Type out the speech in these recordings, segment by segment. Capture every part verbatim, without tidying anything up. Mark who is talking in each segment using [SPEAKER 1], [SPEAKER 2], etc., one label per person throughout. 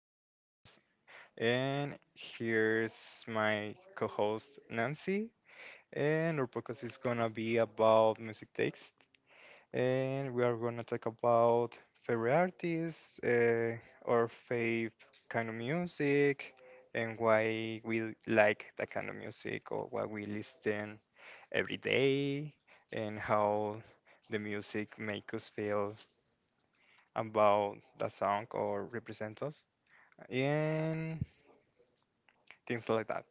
[SPEAKER 1] to our podcast. And here's my co host, Nancy. And our podcast is going to be about music taste. And we are going to talk about favorite artists, uh, our favorite kind of music, and why we like that kind of music or why we listen every day, and how the music makes us feel about that song or represents us and things like that.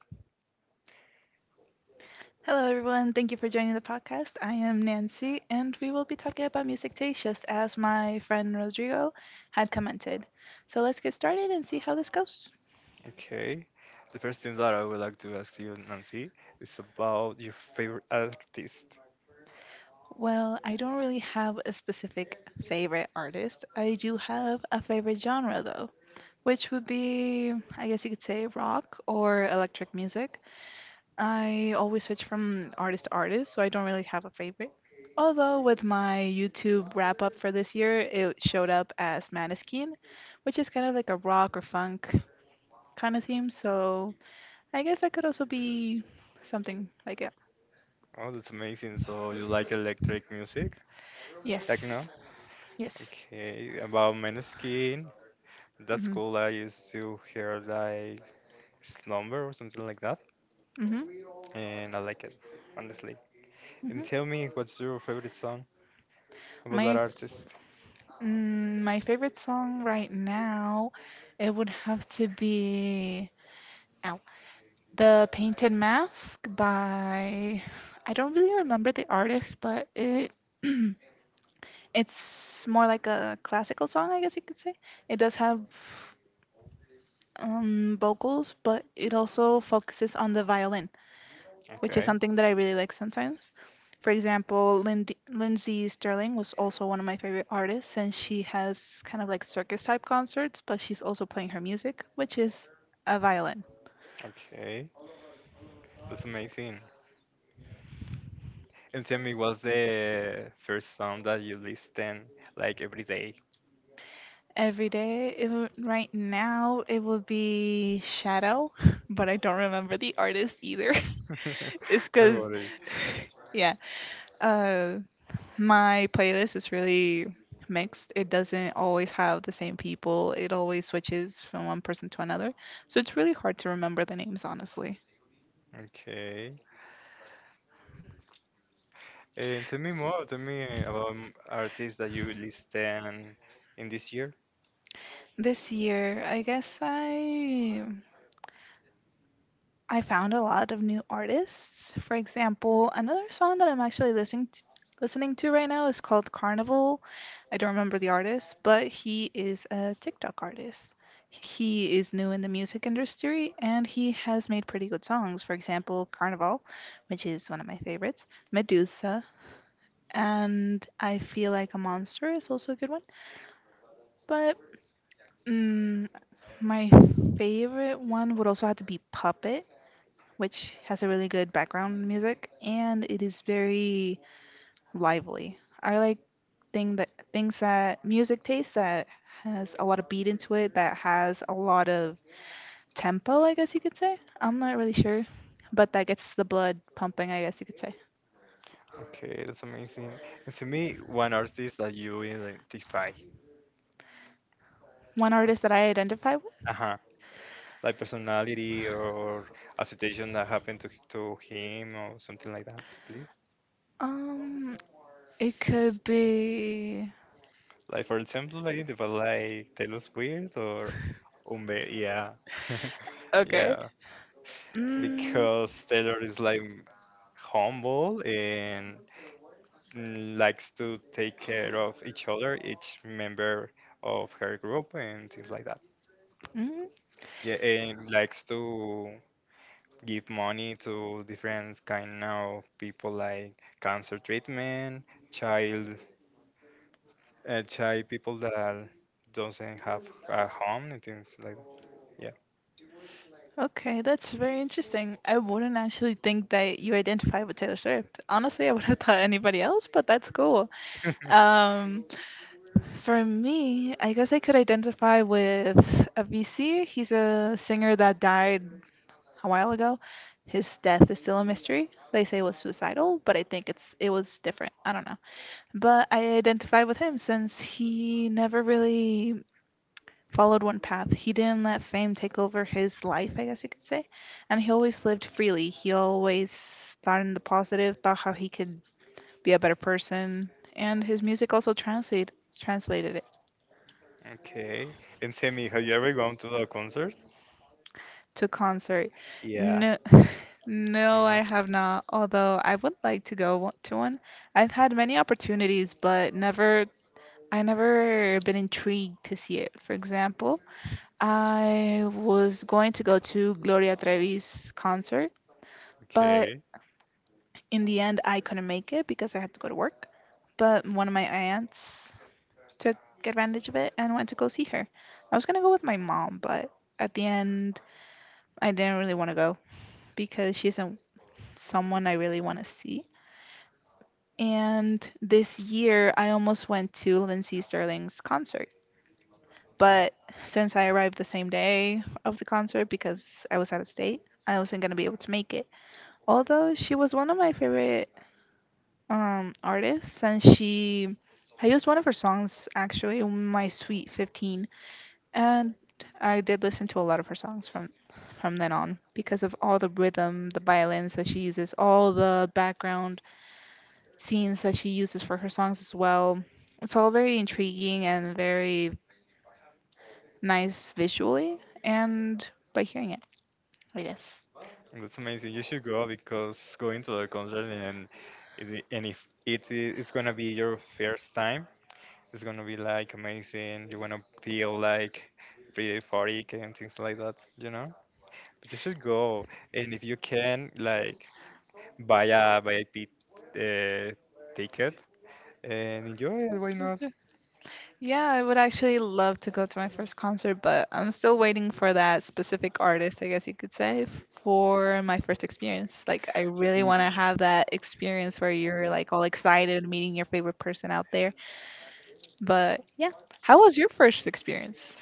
[SPEAKER 2] Hello, everyone. Thank you for joining the podcast. I am Nancy, and we will be talking about music taste, just as my friend Rodrigo had commented. So let's get started and see how this goes.
[SPEAKER 1] Okay. The first thing that I would like to ask you, Nancy, is about your favorite artist.
[SPEAKER 2] Well, I don't really have a specific favorite artist. I do have a favorite genre, though, which would be, I guess you could say, rock or electric music. I always switch from artist to artist, so I don't really have a favorite. Although with my YouTube wrap up for this year, it showed up as Maneskin, which is kind of like a rock or funk kind of theme. So I guess that could also be something like it.
[SPEAKER 1] Oh, that's amazing. So you like electric music,
[SPEAKER 2] Yes.
[SPEAKER 1] techno?
[SPEAKER 2] Yes.
[SPEAKER 1] Okay. About Maneskin, that's
[SPEAKER 2] Mhm.
[SPEAKER 1] cool. I used to hear like Slumber or something like that,
[SPEAKER 2] Mhm.
[SPEAKER 1] and I like it, honestly.
[SPEAKER 2] Mhm.
[SPEAKER 1] And tell me, what's your favorite song about that
[SPEAKER 2] My
[SPEAKER 1] artist?
[SPEAKER 2] mm, my favorite song right now, it would have to be Ow. The Painted Mask by I don't really remember the artist, but it It's more like a classical song, I guess you could say. It does have um, vocals, but it also focuses on the violin, which is
[SPEAKER 1] Okay.
[SPEAKER 2] something that I really like sometimes. For example, Lind- Lindsay Sterling was also one of my favorite artists, and she has kind of like circus type concerts, but she's also playing her music, which is a violin.
[SPEAKER 1] Okay. That's amazing. And tell me, what's the first song that you listen like every day?
[SPEAKER 2] Every day, it would, right now, it would be Shadow, but I don't remember the artist either. it's
[SPEAKER 1] Don't
[SPEAKER 2] because,
[SPEAKER 1] worry.
[SPEAKER 2] yeah, uh, my playlist is really mixed. It doesn't always have the same people, it always switches from one person to another. So it's really hard to remember the names, honestly.
[SPEAKER 1] Okay. And tell me more. Tell me about m- artists that you listen in this year.
[SPEAKER 2] This year, I guess I I found a lot of new artists. For example, another song that I'm actually listening to, listening to right now is called Carnival. I don't remember the artist, but he is a TikTok artist. He is new in the music industry and he has made pretty good songs. For example, Carnival, which is one of my favorites, Medusa, and I Feel Like a Monster is also a good one. But mm, my favorite one would also have to be Puppet, which has a really good background music and it is very lively. I like thing that things that music taste that has a lot of beat into it, that has a lot of tempo, I guess you could say. I'm not really sure, but that gets the blood pumping, I guess you could say.
[SPEAKER 1] Okay, that's amazing. And to me, one artist that you identify.
[SPEAKER 2] One artist that I identify with,
[SPEAKER 1] Uh-huh. Like personality or a situation that happened to to him or something like that, please.
[SPEAKER 2] um, it could be
[SPEAKER 1] Like for example, like the like Taylor Swift or Umbe, yeah.
[SPEAKER 2] Okay.
[SPEAKER 1] Yeah.
[SPEAKER 2] Mm,
[SPEAKER 1] Because Taylor is like humble and likes to take care of each other, each member of her group and things like that.
[SPEAKER 2] mm,
[SPEAKER 1] Yeah, and likes to give money to different kind of people like cancer treatment, child, uh, child people that doesn't have a home and things like that. Yeah.
[SPEAKER 2] okay, that's very interesting. I wouldn't actually think that you identify with Taylor Swift. Honestly, I would have thought anybody else, but that's cool. Um, for me, I guess I could identify with Avicii. He's a singer that died a while ago. His death is still a mystery. They say it was suicidal, but I think it's it was different. I don't know. But I identify with him since he never really followed one path. He didn't let fame take over his life, I guess you could say. And he always lived freely. He always thought in the positive about how he could be a better person. And his music also translate, translated it
[SPEAKER 1] Okay. And Sammy, have you ever gone to a concert?
[SPEAKER 2] to concert.
[SPEAKER 1] Yeah.
[SPEAKER 2] No, no,
[SPEAKER 1] No.
[SPEAKER 2] I have not. Although I would like to go wa- to one. I've had many opportunities, but never. I never been intrigued to see it. For example, I was going to go to Gloria Trevi's concert, but
[SPEAKER 1] Okay.
[SPEAKER 2] in the end, I couldn't make it because I had to go to work. But one of my aunts took advantage of it and went to go see her. I was gonna go with my mom, but at the end, I didn't really want to go because she isn't someone I really want to see. And this year, I almost went to Lindsey Sterling's concert.
[SPEAKER 1] Yeah.
[SPEAKER 2] But since I arrived the same day of the concert because I was out of state, I wasn't going to be able to make it. Although she was one of my favorite um artist and she I used one of her songs actually in my sweet fifteen and I did listen to a lot of her songs from from then on because of all the rhythm, the violins that she uses, all the background scenes that she uses for her songs as well. It's all very intriguing and very nice visually and by hearing it, I guess.
[SPEAKER 1] That's amazing. You should go because going to a concert and it- and if it it's gonna be your first time, it's gonna be like amazing. You wanna feel like pretty euphoric and things like that, you know? But you should go, and if you can, like buy a V I P uh, ticket and enjoy it. Why not?
[SPEAKER 2] Yeah, I would actually love to go to my first concert, but I'm still waiting for that specific artist, I guess you could say, for my first experience. Like, I really
[SPEAKER 1] Y-
[SPEAKER 2] want to have that experience where you're like all excited meeting your favorite person out there. But yeah, how was your first experience?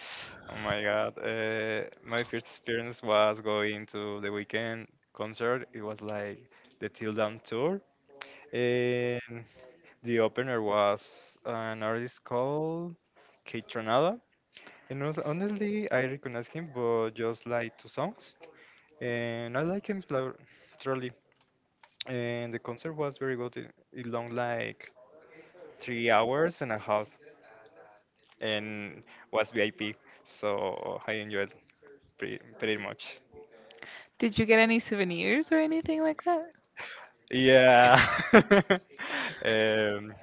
[SPEAKER 1] Oh my God. Uh, my first experience was going to the weekend concert. It was like the Till Down tour. And the opener was an artist called Kate Tronada. And hon- honestly, I recognize him, but just like two songs. And I like him thro- thoroughly. And the concert was very good. It it long like three hours and a half, and was V I P, so I enjoyed pretty, pretty much.
[SPEAKER 2] Did you get any souvenirs or anything like that?
[SPEAKER 1] Yeah. um,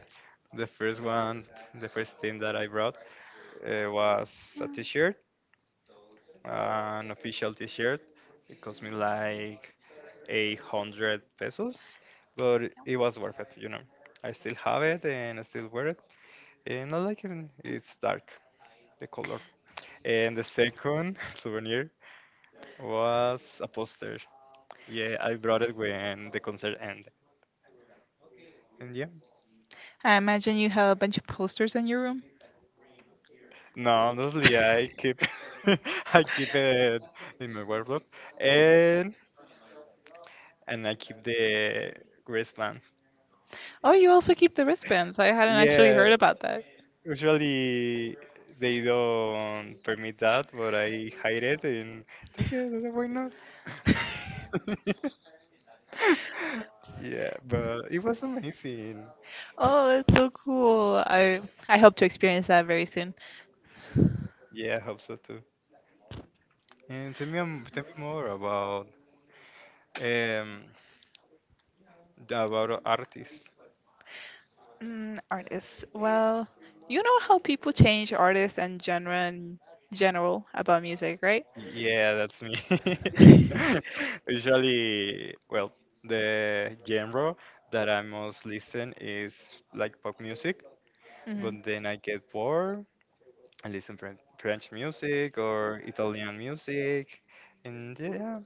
[SPEAKER 1] the first one, the first thing that I brought uh, was a T-shirt an official t-shirt. It cost me like eight hundred pesos, but it was worth it, you know. I still have it and I still wear it, and I like it. It's dark, the color. And the second souvenir was a poster. Yeah, I brought it when the concert ended. And yeah,
[SPEAKER 2] I imagine you have a bunch of posters in your room.
[SPEAKER 1] no, honestly, I keep, I keep it in my wardrobe, and and I keep the wristband.
[SPEAKER 2] Oh, you also keep the wristbands. I hadn't actually
[SPEAKER 1] Yeah,
[SPEAKER 2] heard about that.
[SPEAKER 1] usually they don't permit that, but I hide it and it's okay, that's why not? Yeah, but it was amazing.
[SPEAKER 2] Oh, that's so cool. I I hope to experience that very soon.
[SPEAKER 1] Yeah, I hope so too. And tell me, um, tell me more about um about artists.
[SPEAKER 2] Mm, artists. Well, you know how people change artists and genre in general about music, right?
[SPEAKER 1] Yeah, that's me. Usually, well, the genre that I most listen is like pop music, but
[SPEAKER 2] Hmm.
[SPEAKER 1] then I get bored I listen Fren- French music or Italian music, and yeah,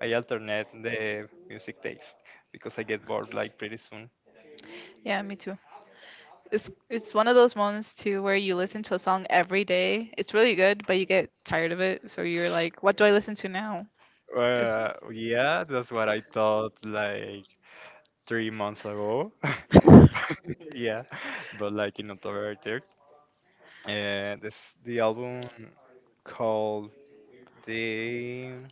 [SPEAKER 1] I alternate the music taste because I get bored like pretty soon.
[SPEAKER 2] Yeah, me too. It's it's one of those moments too where you listen to a song every day. It's really good, but you get tired of it, so you're like, what do I listen to now? It's
[SPEAKER 1] Uh, yeah, that's what I thought like three months ago.
[SPEAKER 2] the
[SPEAKER 1] But yeah, but like in October third, uh, this the album called the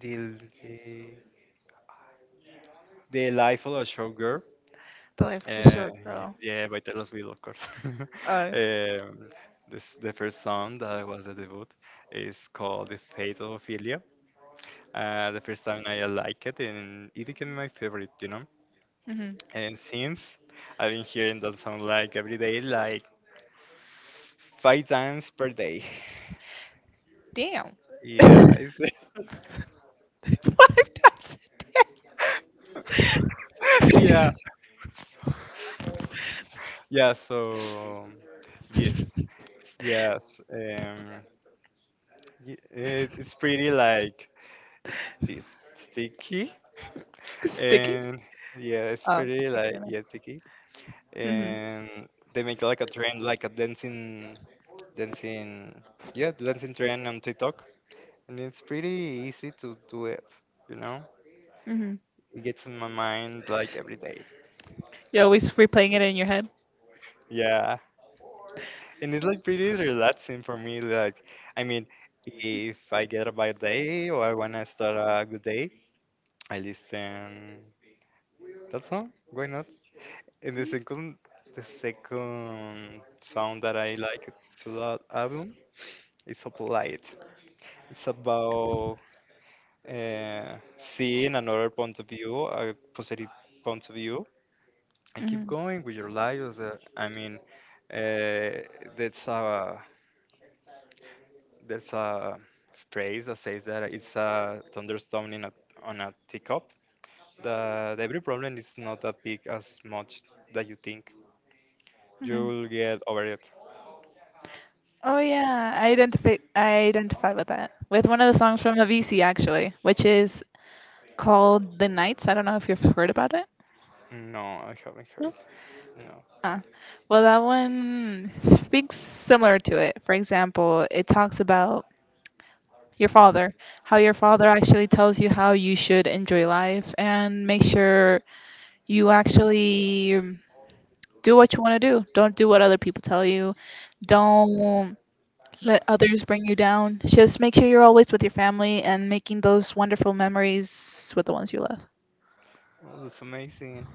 [SPEAKER 1] the the, the Life of a Showgirl.
[SPEAKER 2] life of a
[SPEAKER 1] Uh,
[SPEAKER 2] short girl.
[SPEAKER 1] yeah, by Taylor Swift, of course.
[SPEAKER 2] Uh,
[SPEAKER 1] um, this the first song that was the debut is called "The Fate of Ophelia." Uh, the first time I liked it, and it became my favorite, you know.
[SPEAKER 2] mhm.
[SPEAKER 1] And since I've been hearing that song like every day, like five times per day.
[SPEAKER 2] Damn.
[SPEAKER 1] Yeah, it's,
[SPEAKER 2] Five times a day.
[SPEAKER 1] yeah, So- yeah. So yes, yes. Um, y- it, it's pretty like Stiff, sticky,
[SPEAKER 2] Sticky?
[SPEAKER 1] and yeah, it's
[SPEAKER 2] Oh, I
[SPEAKER 1] pretty
[SPEAKER 2] get
[SPEAKER 1] like
[SPEAKER 2] it.
[SPEAKER 1] yeah, sticky.
[SPEAKER 2] Mhm.
[SPEAKER 1] And they make like a trend, like a dancing, dancing, yeah, dancing trend on TikTok, and it's pretty easy to do it. You know,
[SPEAKER 2] Mhm.
[SPEAKER 1] it gets in my mind like every day.
[SPEAKER 2] You're always replaying it in your head.
[SPEAKER 1] Yeah, and it's like pretty relaxing for me. Like, I mean, if I get a bad day or when I wanna start a good day, I listen that song. Why not? And the second, the second song that I like to that album is Applied. It's about uh, seeing another point of view, a positive point of view, and keep
[SPEAKER 2] Mhm.
[SPEAKER 1] going with your life. as a- I mean, uh, that's a that's a phrase that says that it's a thunderstorm in a, on a teacup. That every problem is not that big as much that you think.
[SPEAKER 2] Mhm.
[SPEAKER 1] You'll get over it.
[SPEAKER 2] Oh yeah, I identify I identify with that. With one of the songs from Avicii actually, which is called The Nights. I don't know if you've heard about.
[SPEAKER 1] No, I haven't heard
[SPEAKER 2] No?
[SPEAKER 1] it. No.
[SPEAKER 2] Ah, well, that one speaks similar to it. For example, it talks about your father, how your father actually tells you how you should enjoy life and make sure you actually um, do what you want to do. Don't do what other people tell you. Don't let others bring you down. Just make sure you're always with your family and making those wonderful memories with the ones you love.
[SPEAKER 1] Oh, that's amazing.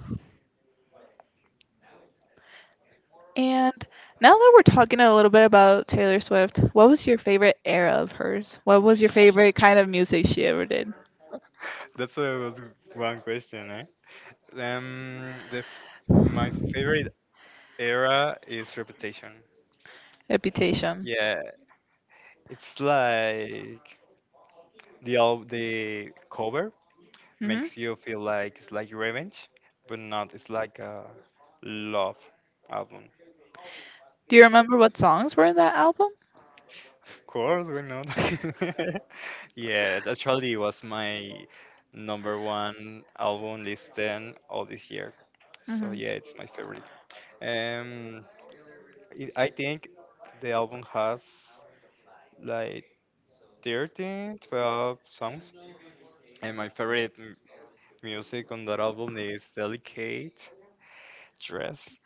[SPEAKER 2] And now that we're talking a little bit about Taylor Swift, what was your favorite era of hers? What was your favorite kind of music she ever did?
[SPEAKER 1] That's a was one question, eh? Um, the f- my favorite era is Reputation.
[SPEAKER 2] Reputation.
[SPEAKER 1] Yeah, it's like the al- the cover
[SPEAKER 2] Hmm.
[SPEAKER 1] makes you feel like it's like revenge, but not. It's like a love album.
[SPEAKER 2] Do you remember what songs were in that album?
[SPEAKER 1] Of course, why not? Yeah, it actually was my number one album listen all this year. So
[SPEAKER 2] Hmm.
[SPEAKER 1] yeah, it's my favorite. Um, it, I think the album has like thirteen, twelve songs. And my favorite m- music on that album is Delicate Dress.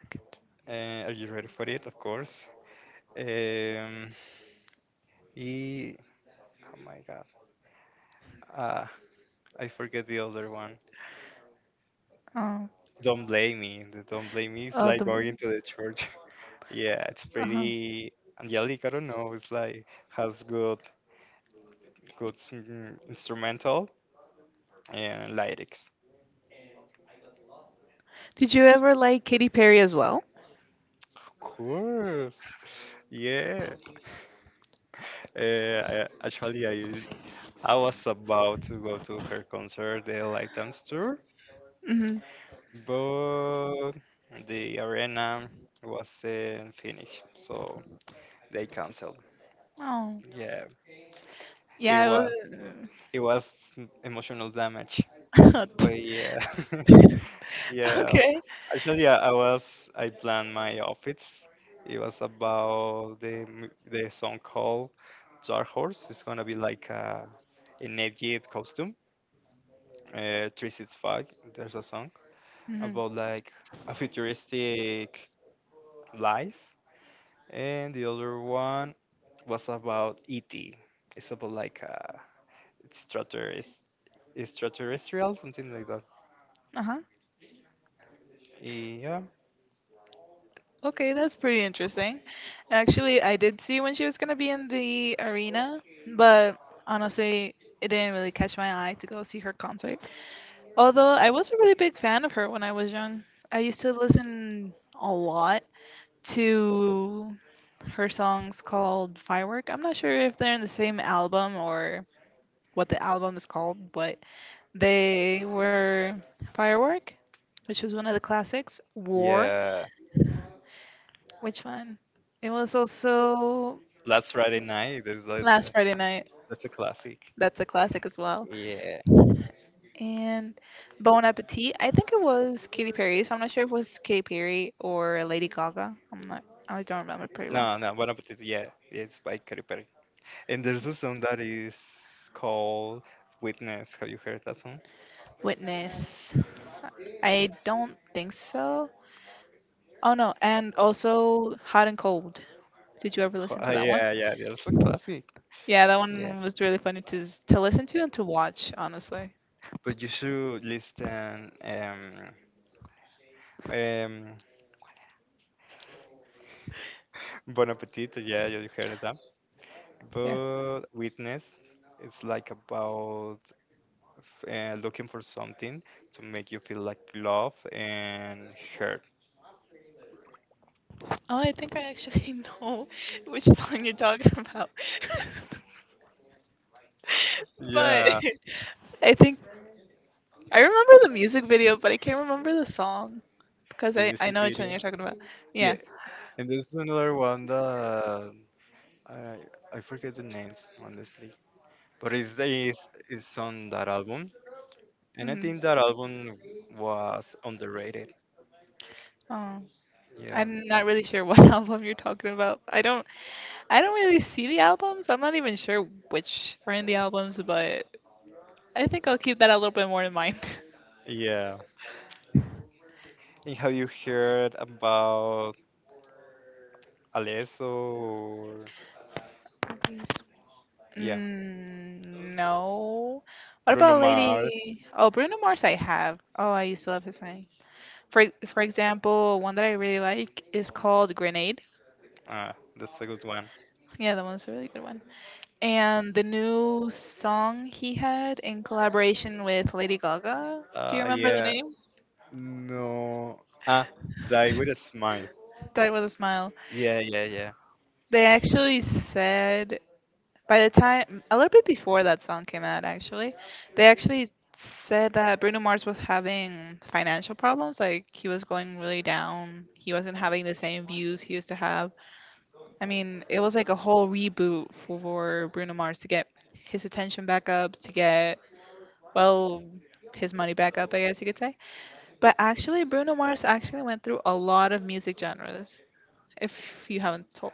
[SPEAKER 1] Uh, are you ready for it? Of course. Um, e- oh my god. Ah, I forget the other one.
[SPEAKER 2] Oh,
[SPEAKER 1] Don't blame me. The Don't blame me is
[SPEAKER 2] oh
[SPEAKER 1] like
[SPEAKER 2] the.
[SPEAKER 1] going to the church. Yeah, it's
[SPEAKER 2] Uh-huh.
[SPEAKER 1] pretty angelic. I don't know. It's like has good, good mm, instrumental and lyrics.
[SPEAKER 2] Did you ever like Katy Perry as well?
[SPEAKER 1] Of course. Yeah. Uh, I, actually, I use- I was about to go to her concert, the live dance tour,
[SPEAKER 2] Hmm.
[SPEAKER 1] but the arena was in Finnish, so they canceled.
[SPEAKER 2] Oh,
[SPEAKER 1] Yeah, it
[SPEAKER 2] yeah,
[SPEAKER 1] was
[SPEAKER 2] it
[SPEAKER 1] it was emotional damage,
[SPEAKER 2] was.
[SPEAKER 1] but yeah. Yeah,
[SPEAKER 2] Okay.
[SPEAKER 1] actually, I, I was I planned my outfits. It was about the mu- the song called Dark Horse. It's gonna be like a an Egypt costume. Uh, three six five. There's a song
[SPEAKER 2] Hmm.
[SPEAKER 1] about like a futuristic life, and the other one was about E T. It's about like a extraterrest- extraterrestrial, something like that.
[SPEAKER 2] Uh-huh.
[SPEAKER 1] Yeah,
[SPEAKER 2] Okay, that's pretty interesting. Actually, I did see when she was gonna be in the arena, but honestly, it didn't really catch my eye to go see her concert. Although I was a really big fan of her when I was young. I used to listen a lot to her songs called Firework. I'm not sure if they're in the same album or what the album is called, but they were Firework, which was one of the classics, War,
[SPEAKER 1] yeah.
[SPEAKER 2] which one? It was also
[SPEAKER 1] Last Friday Night is like
[SPEAKER 2] Last Friday Night.
[SPEAKER 1] that's a classic.
[SPEAKER 2] That's a classic as well.
[SPEAKER 1] Yeah.
[SPEAKER 2] And Bon Appetit. I think it was Katy Perry. So I'm not sure if it was Katy Perry or Lady Gaga. I'm not. I don't remember pretty well.
[SPEAKER 1] No, no, Bon Appetit. Yeah, it's by Katy Perry. And there's a song that is called Witness. Have you heard that song?
[SPEAKER 2] Witness. I don't think so. Oh no. And also Hot and Cold. Did you ever
[SPEAKER 1] Ho-
[SPEAKER 2] listen
[SPEAKER 1] uh,
[SPEAKER 2] to that one?
[SPEAKER 1] yeah, yeah, yeah, that's a classic.
[SPEAKER 2] Yeah, that
[SPEAKER 1] Yeah,
[SPEAKER 2] one was really funny to s- to listen to and to watch. Honestly.
[SPEAKER 1] but you should listen. Um, um, Bon Appetit. Yeah, you heard that.
[SPEAKER 2] Yeah.
[SPEAKER 1] But Witness, it's like about f- uh, looking for something to make you feel like love and hurt.
[SPEAKER 2] Oh, I think I actually know which song you're talking about. but
[SPEAKER 1] Yeah,
[SPEAKER 2] I think I remember the music video, but I can't remember the song because
[SPEAKER 1] the
[SPEAKER 2] I I
[SPEAKER 1] music
[SPEAKER 2] know which one
[SPEAKER 1] video.
[SPEAKER 2] you're talking about. Yeah.
[SPEAKER 1] Yeah, and there's another one that I I forget the names honestly, but it's it's, it's on that album, and I
[SPEAKER 2] Hmm.
[SPEAKER 1] think that album was underrated.
[SPEAKER 2] Oh,
[SPEAKER 1] Yeah,
[SPEAKER 2] I'm not really sure what album you're talking about. I don't I don't really see the albums. I'm not even sure which are in the albums, but I think I'll keep that a little bit more in mind.
[SPEAKER 1] yeah. And have you heard about Alesso or
[SPEAKER 2] Movies.
[SPEAKER 1] yeah
[SPEAKER 2] Mm, no. What
[SPEAKER 1] Bruno
[SPEAKER 2] about
[SPEAKER 1] Mars?
[SPEAKER 2] Lady? Oh, Bruno Mars. I have. Oh, I used to love his song. For for example, one that I really like is called Grenade.
[SPEAKER 1] Ah, that's a good one.
[SPEAKER 2] Yeah, that one's a really good one. And the new song he had in collaboration with Lady Gaga, do you
[SPEAKER 1] Uh,
[SPEAKER 2] remember the
[SPEAKER 1] yeah,
[SPEAKER 2] name?
[SPEAKER 1] No. Ah, die with a smile.
[SPEAKER 2] Die with a Smile.
[SPEAKER 1] Yeah, yeah, yeah.
[SPEAKER 2] They actually said, by the time, a little bit before that song came out, actually, they actually said that Bruno Mars was having financial problems. Like, he was going really down. He wasn't having the same views he used to have. I mean, it was like a whole reboot for Bruno Mars to get his attention back up, to get, well, his money back up, I guess you could say. But actually, Bruno Mars actually went through a lot of music genres, if you haven't told,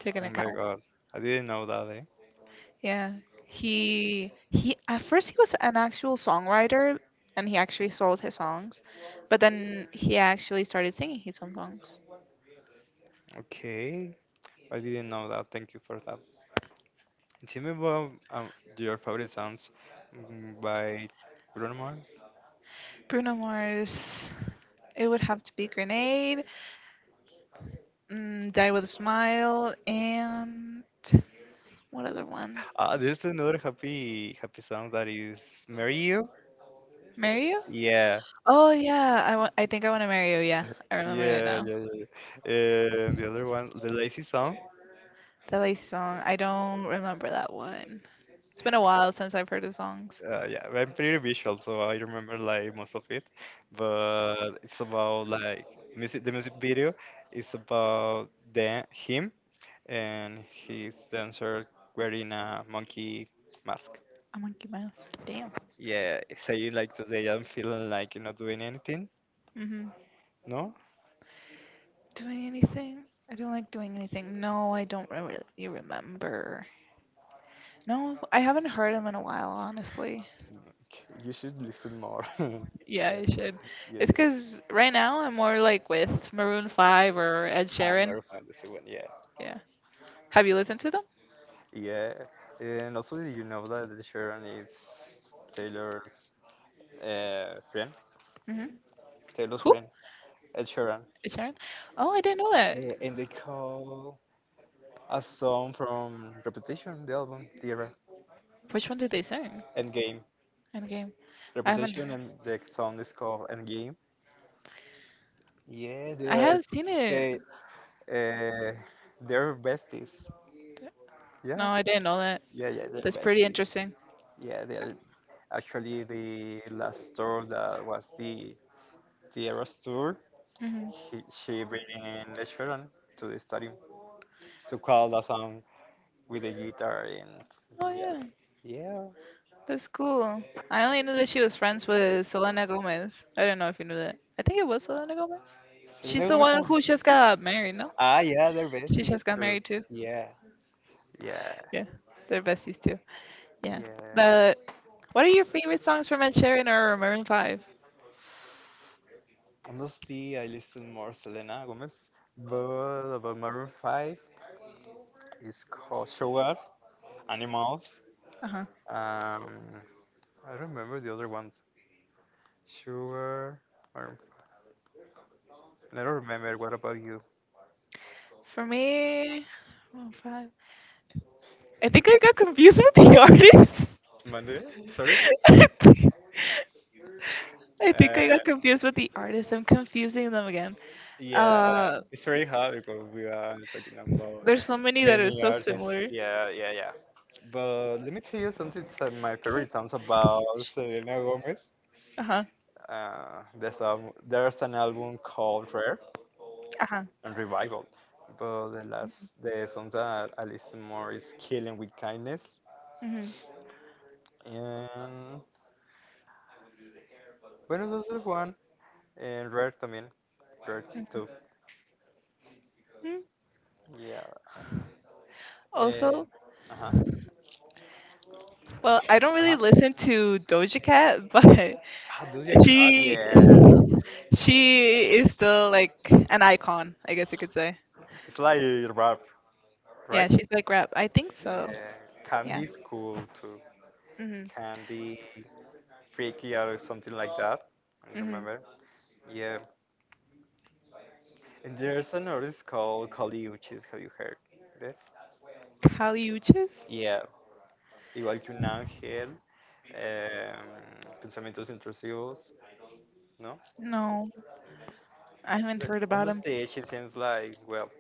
[SPEAKER 2] taken
[SPEAKER 1] Oh my
[SPEAKER 2] account.
[SPEAKER 1] god. I didn't know that, eh?
[SPEAKER 2] Yeah, he he at first he was an actual songwriter, and he actually sold his songs. But then he actually started singing his own songs.
[SPEAKER 1] Okay. I didn't know that. Thank you for that. Tell me about um, your favorite songs mm, by Bruno Mars.
[SPEAKER 2] Bruno Mars, it would have to be Grenade, mm, Die with a Smile, and what other one?
[SPEAKER 1] Ah, there's another happy happy song that is Marry You.
[SPEAKER 2] Marry You?
[SPEAKER 1] Yeah.
[SPEAKER 2] Oh yeah, I want. I think I want to marry you. Yeah, I remember it
[SPEAKER 1] Yeah,
[SPEAKER 2] now.
[SPEAKER 1] yeah, yeah. Yeah. And the other one, the Lazy Song.
[SPEAKER 2] The lazy song. I don't remember that one. It's been a while since I've heard the songs.
[SPEAKER 1] Uh, yeah, I'm pretty visual, so I remember like most of it. But it's about like music. The music video is about the him and his dancer wearing a monkey mask.
[SPEAKER 2] A monkey mouse. Damn.
[SPEAKER 1] Yeah, saying like today I'm feeling like you're not doing anything.
[SPEAKER 2] Hmm.
[SPEAKER 1] No,
[SPEAKER 2] Doing anything? I don't like doing anything. No, I don't re- really remember. No, I haven't heard him in a while, honestly.
[SPEAKER 1] like, you should listen more. Yeah,
[SPEAKER 2] Yeah, I should.
[SPEAKER 1] yeah,
[SPEAKER 2] It's
[SPEAKER 1] yeah.
[SPEAKER 2] because right now I'm more like with Maroon five or Ed
[SPEAKER 1] I am
[SPEAKER 2] Sheeran.
[SPEAKER 1] never found this one. Yeah,
[SPEAKER 2] Yeah. Have you listened to them?
[SPEAKER 1] yeah. And also, you know that Sharon is Taylor's uh, friend?
[SPEAKER 2] Hmm.
[SPEAKER 1] Taylor's
[SPEAKER 2] Who?
[SPEAKER 1] friend. Ed Sheeran.
[SPEAKER 2] Ed Sheeran? Oh, I didn't know that.
[SPEAKER 1] Uh, And they call a song from Reputation, the album, the era,
[SPEAKER 2] Which one did they sing?
[SPEAKER 1] Endgame.
[SPEAKER 2] Okay. I haven't.
[SPEAKER 1] Reputation and the song is called Endgame. Yeah,
[SPEAKER 2] I
[SPEAKER 1] they're
[SPEAKER 2] haven't seen it.
[SPEAKER 1] they uh, they're besties.
[SPEAKER 2] No,
[SPEAKER 1] Yeah,
[SPEAKER 2] I didn't know that.
[SPEAKER 1] yeah, yeah, they're
[SPEAKER 2] That's pretty
[SPEAKER 1] besties.
[SPEAKER 2] interesting.
[SPEAKER 1] Yeah, they're actually the last tour that was the the Eras tour.
[SPEAKER 2] Hmm.
[SPEAKER 1] He, she bring in the children to the stadium to call the song with the guitar and
[SPEAKER 2] Oh
[SPEAKER 1] yeah,
[SPEAKER 2] yeah,
[SPEAKER 1] yeah.
[SPEAKER 2] that's cool. I only knew that she was friends with Selena Gomez. I don't know if you knew that. I think it was Selena Gomez. She's
[SPEAKER 1] Selena
[SPEAKER 2] the
[SPEAKER 1] Gomez
[SPEAKER 2] one
[SPEAKER 1] and
[SPEAKER 2] who just got married, no?
[SPEAKER 1] ah yeah, they're
[SPEAKER 2] She
[SPEAKER 1] besties
[SPEAKER 2] just got
[SPEAKER 1] too.
[SPEAKER 2] married too.
[SPEAKER 1] Yeah, yeah,
[SPEAKER 2] Yeah, they're besties too. Yeah.
[SPEAKER 1] yeah.
[SPEAKER 2] But what are your favorite songs from Ed Sheeran or Maroon Five?
[SPEAKER 1] Honestly, I listen more Selena Gomez, but about Maroon five is called Sugar, Animals.
[SPEAKER 2] Uh huh.
[SPEAKER 1] Um, I don't remember the other ones. Sugar, or I don't remember. What about you?
[SPEAKER 2] For me, oh, five. I think I got confused with the artist.
[SPEAKER 1] Monday? Sorry.
[SPEAKER 2] I think I think I got confused with the artist. I'm confusing them again.
[SPEAKER 1] Yeah,
[SPEAKER 2] Uh,
[SPEAKER 1] it's very hard because we are talking about
[SPEAKER 2] there's so many that are
[SPEAKER 1] many
[SPEAKER 2] so
[SPEAKER 1] artists.
[SPEAKER 2] similar.
[SPEAKER 1] Yeah, yeah, yeah. But let me tell you something. So my favorite songs about Selena Gomez.
[SPEAKER 2] Uh huh.
[SPEAKER 1] Uh, there's a there's an album called Rare
[SPEAKER 2] Uh huh.
[SPEAKER 1] and Revival. But the last the songs that I listen more is Killing with Kindness
[SPEAKER 2] Hmm.
[SPEAKER 1] and Buenos Aires one and Rare también. Rare two.
[SPEAKER 2] Hmm.
[SPEAKER 1] Yeah. And,
[SPEAKER 2] Also,
[SPEAKER 1] uh huh.
[SPEAKER 2] well, I don't
[SPEAKER 1] Uh
[SPEAKER 2] really
[SPEAKER 1] huh.
[SPEAKER 2] listen to Doja Cat, but
[SPEAKER 1] Ah, Doja Cat.
[SPEAKER 2] she
[SPEAKER 1] Yeah.
[SPEAKER 2] She is still like an icon, I guess you could say.
[SPEAKER 1] It's like rap,
[SPEAKER 2] Yeah,
[SPEAKER 1] right?
[SPEAKER 2] she's like rap. I think so.
[SPEAKER 1] Yeah,
[SPEAKER 2] Yeah.
[SPEAKER 1] Candy's cool too.
[SPEAKER 2] Mhm.
[SPEAKER 1] Candy, Freaky Out or something like that. I
[SPEAKER 2] Mhm.
[SPEAKER 1] remember. Yeah, and there's an artist called Kali Uchis. Have you heard it?
[SPEAKER 2] Caliuches?
[SPEAKER 1] Yeah. Igual que un ángel. Um, pensamientos intrusivos, ¿no?
[SPEAKER 2] No, I haven't
[SPEAKER 1] But
[SPEAKER 2] heard
[SPEAKER 1] on
[SPEAKER 2] about
[SPEAKER 1] the
[SPEAKER 2] him.
[SPEAKER 1] stage, it seems like, well,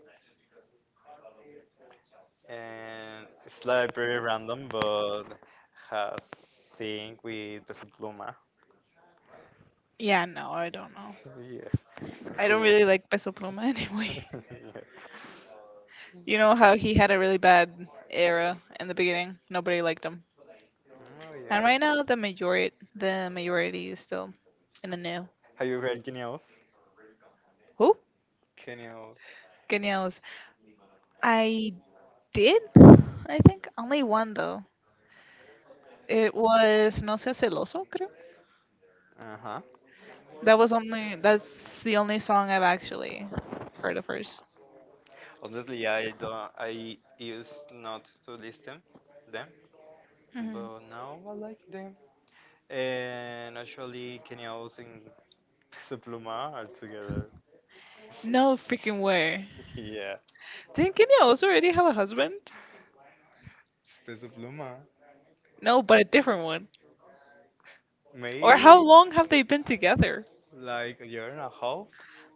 [SPEAKER 1] and it's like very random, but has sync with Peso Pluma.
[SPEAKER 2] Yeah, no, I don't know.
[SPEAKER 1] Yeah, it's
[SPEAKER 2] I don't
[SPEAKER 1] cool.
[SPEAKER 2] really like Peso Pluma anyway.
[SPEAKER 1] Yeah.
[SPEAKER 2] You know how he had a really bad era in the beginning. Nobody liked him.
[SPEAKER 1] Oh
[SPEAKER 2] And
[SPEAKER 1] yeah.
[SPEAKER 2] right now, the majority, the majority is still in the no.
[SPEAKER 1] Have you heard Guinea House?
[SPEAKER 2] Who?
[SPEAKER 1] Guinea House.
[SPEAKER 2] Genials. I did, I think, only one though. It was No Seas Celoso, creo.
[SPEAKER 1] Uh-huh.
[SPEAKER 2] That was only, that's the only song I've actually heard of hers.
[SPEAKER 1] Honestly, I don't. I used not to listen them,
[SPEAKER 2] Mhm.
[SPEAKER 1] but now I like them. And actually, Guinea House and Peso Pluma are together.
[SPEAKER 2] No freaking way.
[SPEAKER 1] Yeah,
[SPEAKER 2] Didn't Kenya also already have a husband?
[SPEAKER 1] it's Peso Pluma.
[SPEAKER 2] No, but a different one. Or how
[SPEAKER 1] Maybe
[SPEAKER 2] long have they been together?
[SPEAKER 1] like a year and a half,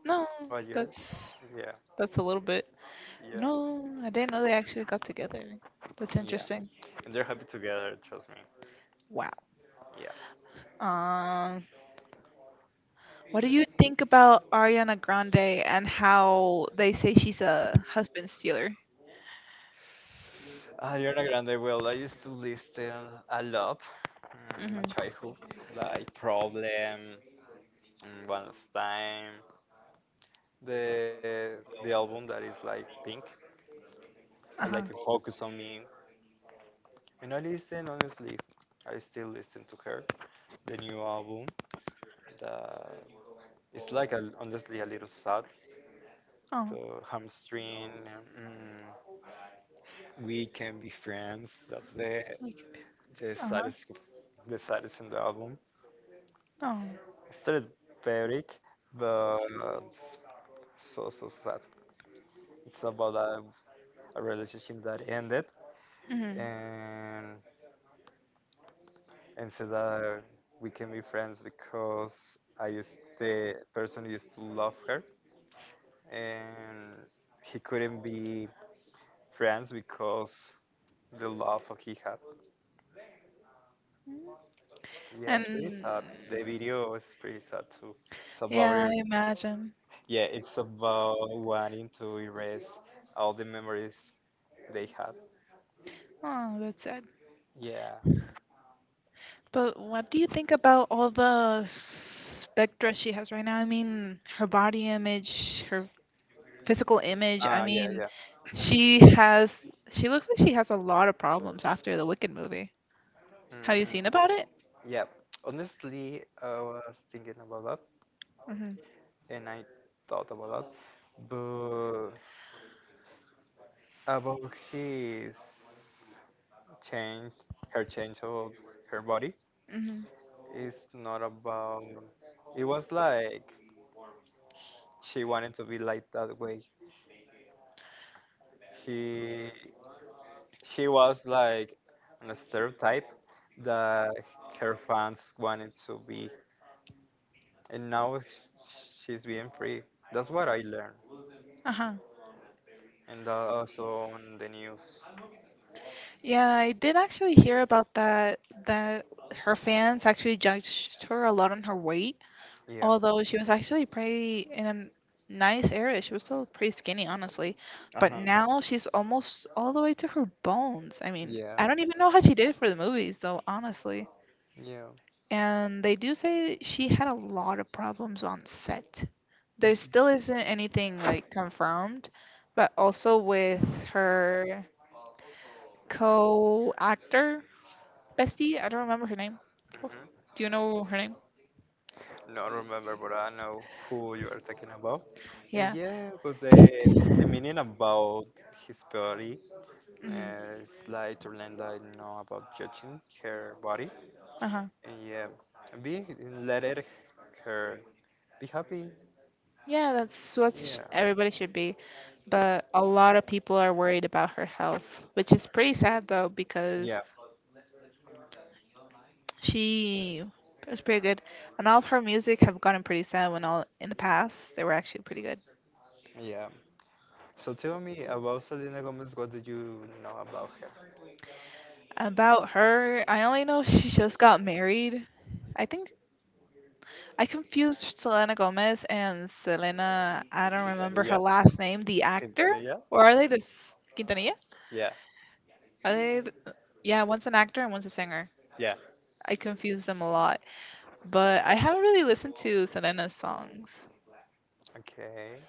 [SPEAKER 2] No,
[SPEAKER 1] a year.
[SPEAKER 2] that's,
[SPEAKER 1] Yeah,
[SPEAKER 2] that's a little bit.
[SPEAKER 1] yeah,
[SPEAKER 2] No, I didn't know they actually got together. That's
[SPEAKER 1] yeah.
[SPEAKER 2] interesting.
[SPEAKER 1] And they're happy together. Trust me.
[SPEAKER 2] Wow. Um, what do you think about Ariana Grande and how they say she's a husband stealer?
[SPEAKER 1] Ariana Grande, well, I used to listen a lot in my
[SPEAKER 2] Hmm.
[SPEAKER 1] childhood, like Problem, mm, One Last Time, the the album that is like Pink, I like it,
[SPEAKER 2] Uh-huh.
[SPEAKER 1] Focus on Me, and I listen honestly. I still listen to her, the new album. That it's like a, honestly a little sad.
[SPEAKER 2] Oh.
[SPEAKER 1] The hamstring, mm, we can be friends. That's the
[SPEAKER 2] Like,
[SPEAKER 1] the
[SPEAKER 2] uh-huh.
[SPEAKER 1] saddest the saddest in the album.
[SPEAKER 2] Oh.
[SPEAKER 1] Street Peric, but so so so sad. It's about a, a relationship that ended,
[SPEAKER 2] Hmm.
[SPEAKER 1] and and said that we can be friends because I used the person used to love her, and he couldn't be friends because the love he had. Yeah, it's pretty
[SPEAKER 2] And
[SPEAKER 1] sad. The video is pretty sad too. It's about
[SPEAKER 2] yeah,
[SPEAKER 1] every-
[SPEAKER 2] I imagine.
[SPEAKER 1] yeah, it's about wanting to erase all the memories they had.
[SPEAKER 2] Oh, that's sad.
[SPEAKER 1] Yeah.
[SPEAKER 2] But what do you think about all the spectra she has right now? I mean, her body image, her physical image. I
[SPEAKER 1] Ah, yeah,
[SPEAKER 2] mean,
[SPEAKER 1] yeah.
[SPEAKER 2] she has, she looks like she has a lot of problems after the Wicked movie. Have you
[SPEAKER 1] Mm,
[SPEAKER 2] seen about it?
[SPEAKER 1] yeah. Honestly, I was thinking about that,
[SPEAKER 2] Mm-hmm.
[SPEAKER 1] and I thought about that, but about his change, her change of her body,
[SPEAKER 2] Mm-hmm.
[SPEAKER 1] is not about. It was like she wanted to be like that way. He, she was like a stereotype that her fans wanted to be and now sh- she's being free. That's what I learned,
[SPEAKER 2] Uh-huh.
[SPEAKER 1] and that also on the news.
[SPEAKER 2] Yeah, I did actually hear about that that her fans actually judged her a lot on her weight,
[SPEAKER 1] Yeah.
[SPEAKER 2] although she was actually pretty in a nice area. She was still pretty skinny, honestly.
[SPEAKER 1] Uh
[SPEAKER 2] But
[SPEAKER 1] huh.
[SPEAKER 2] now she's almost all the way to her bones. I mean,
[SPEAKER 1] Yeah.
[SPEAKER 2] I don't even know how she did it for the movies though, honestly.
[SPEAKER 1] Yeah.
[SPEAKER 2] And they do say she had a lot of problems on set. There still isn't anything like confirmed, but also with her co-actor Bestie, I don't remember her name.
[SPEAKER 1] Mm-hmm.
[SPEAKER 2] Do you know her name?
[SPEAKER 1] Not remember, but I know who you are talking about. And
[SPEAKER 2] Yeah.
[SPEAKER 1] yeah, but the the meaning about his body
[SPEAKER 2] Hmm.
[SPEAKER 1] uh, is like to learn that I know about judging her body.
[SPEAKER 2] Uh-huh.
[SPEAKER 1] And yeah, and be let it her be happy.
[SPEAKER 2] Yeah, that's what sh-
[SPEAKER 1] Yeah.
[SPEAKER 2] everybody should be. But a lot of people are worried about her health, which is pretty sad though because
[SPEAKER 1] Yeah.
[SPEAKER 2] she was pretty good. And all of her music have gotten pretty sad when all in the past they were actually pretty good.
[SPEAKER 1] Yeah. So tell me about Selena Gomez. What do you know about her?
[SPEAKER 2] About her, I only know she just got married. I think I confused Selena Gomez and Selena, I don't remember
[SPEAKER 1] Quintanilla?
[SPEAKER 2] her last name, the actor?
[SPEAKER 1] Quintanilla?
[SPEAKER 2] Or are they this Quintanilla?
[SPEAKER 1] Yeah,
[SPEAKER 2] Are they, th- yeah, one's an actor and one's a singer.
[SPEAKER 1] yeah.
[SPEAKER 2] I confuse them a lot. But I haven't really listened to Selena's songs.
[SPEAKER 1] Okay.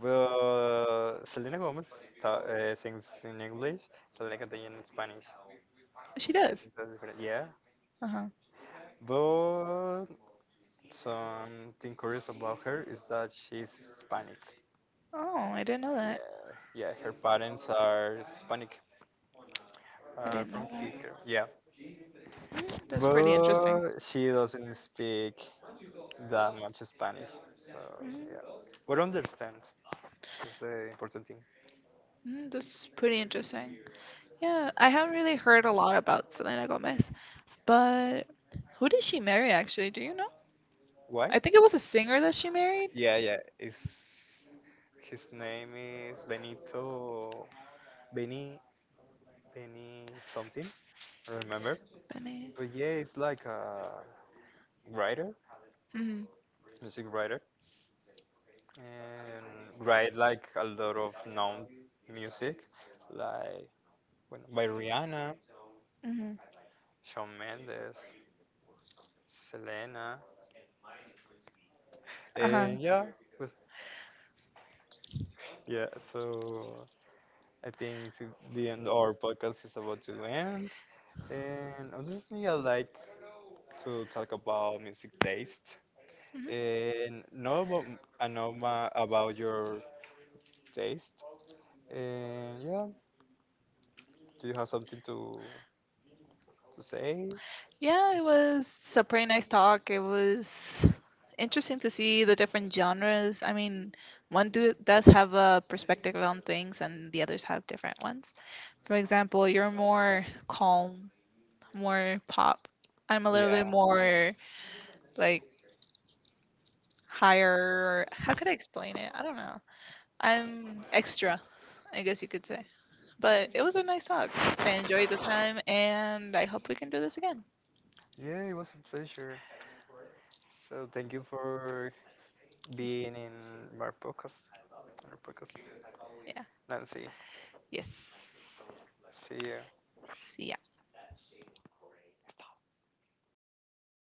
[SPEAKER 1] Well, Selena Gomez ta- uh, sings in English, Selena Quintanilla in Spanish.
[SPEAKER 2] She
[SPEAKER 1] Yeah,
[SPEAKER 2] does.
[SPEAKER 1] that's different. Yeah.
[SPEAKER 2] Uh huh.
[SPEAKER 1] But something curious about her is that she's Hispanic.
[SPEAKER 2] Oh, I didn't know
[SPEAKER 1] Yeah,
[SPEAKER 2] that.
[SPEAKER 1] yeah. Her parents are Hispanic,
[SPEAKER 2] I
[SPEAKER 1] uh,
[SPEAKER 2] didn't
[SPEAKER 1] from
[SPEAKER 2] know that.
[SPEAKER 1] Cuba. Yeah.
[SPEAKER 2] Mm, that's pretty interesting.
[SPEAKER 1] But she doesn't speak that much Spanish. So yeah,
[SPEAKER 2] Mm,
[SPEAKER 1] but understand is the important thing.
[SPEAKER 2] mm, that's pretty interesting. Yeah, I haven't really heard a lot about Selena Gomez. But who did she marry actually? Do you know?
[SPEAKER 1] Why?
[SPEAKER 2] I think it was a singer that she married.
[SPEAKER 1] Yeah, yeah. It's his name is Benito Benny Benny something. I don't remember.
[SPEAKER 2] Benny.
[SPEAKER 1] But yeah, it's like a writer,
[SPEAKER 2] Mhm.
[SPEAKER 1] music writer, and write like a lot of known music, like when, by Rihanna,
[SPEAKER 2] Mhm.
[SPEAKER 1] Shawn Mendes, Selena,
[SPEAKER 2] Uh huh.
[SPEAKER 1] and yeah, with Yeah, so I think th- the end our podcast is about to end. And honestly, I like to talk about music taste
[SPEAKER 2] Mhm.
[SPEAKER 1] and know about m- I know ma- about your taste. And yeah, do you have something to to say?
[SPEAKER 2] Yeah, it was a pretty nice talk. It was interesting to see the different genres. I mean, one do, does have a perspective on things, and the others have different ones. For example, you're more calm, more pop. I'm a little bit
[SPEAKER 1] Yeah.
[SPEAKER 2] more like higher. How could I explain it? I don't know. I'm extra, I guess you could say. But it was a nice talk. I enjoyed the time and I hope we can do this again.
[SPEAKER 1] Yeah, it was a pleasure. So thank you for being in my podcast, our podcast.
[SPEAKER 2] Yeah.
[SPEAKER 1] Nancy,
[SPEAKER 2] Yes.
[SPEAKER 1] see you.
[SPEAKER 2] See ya.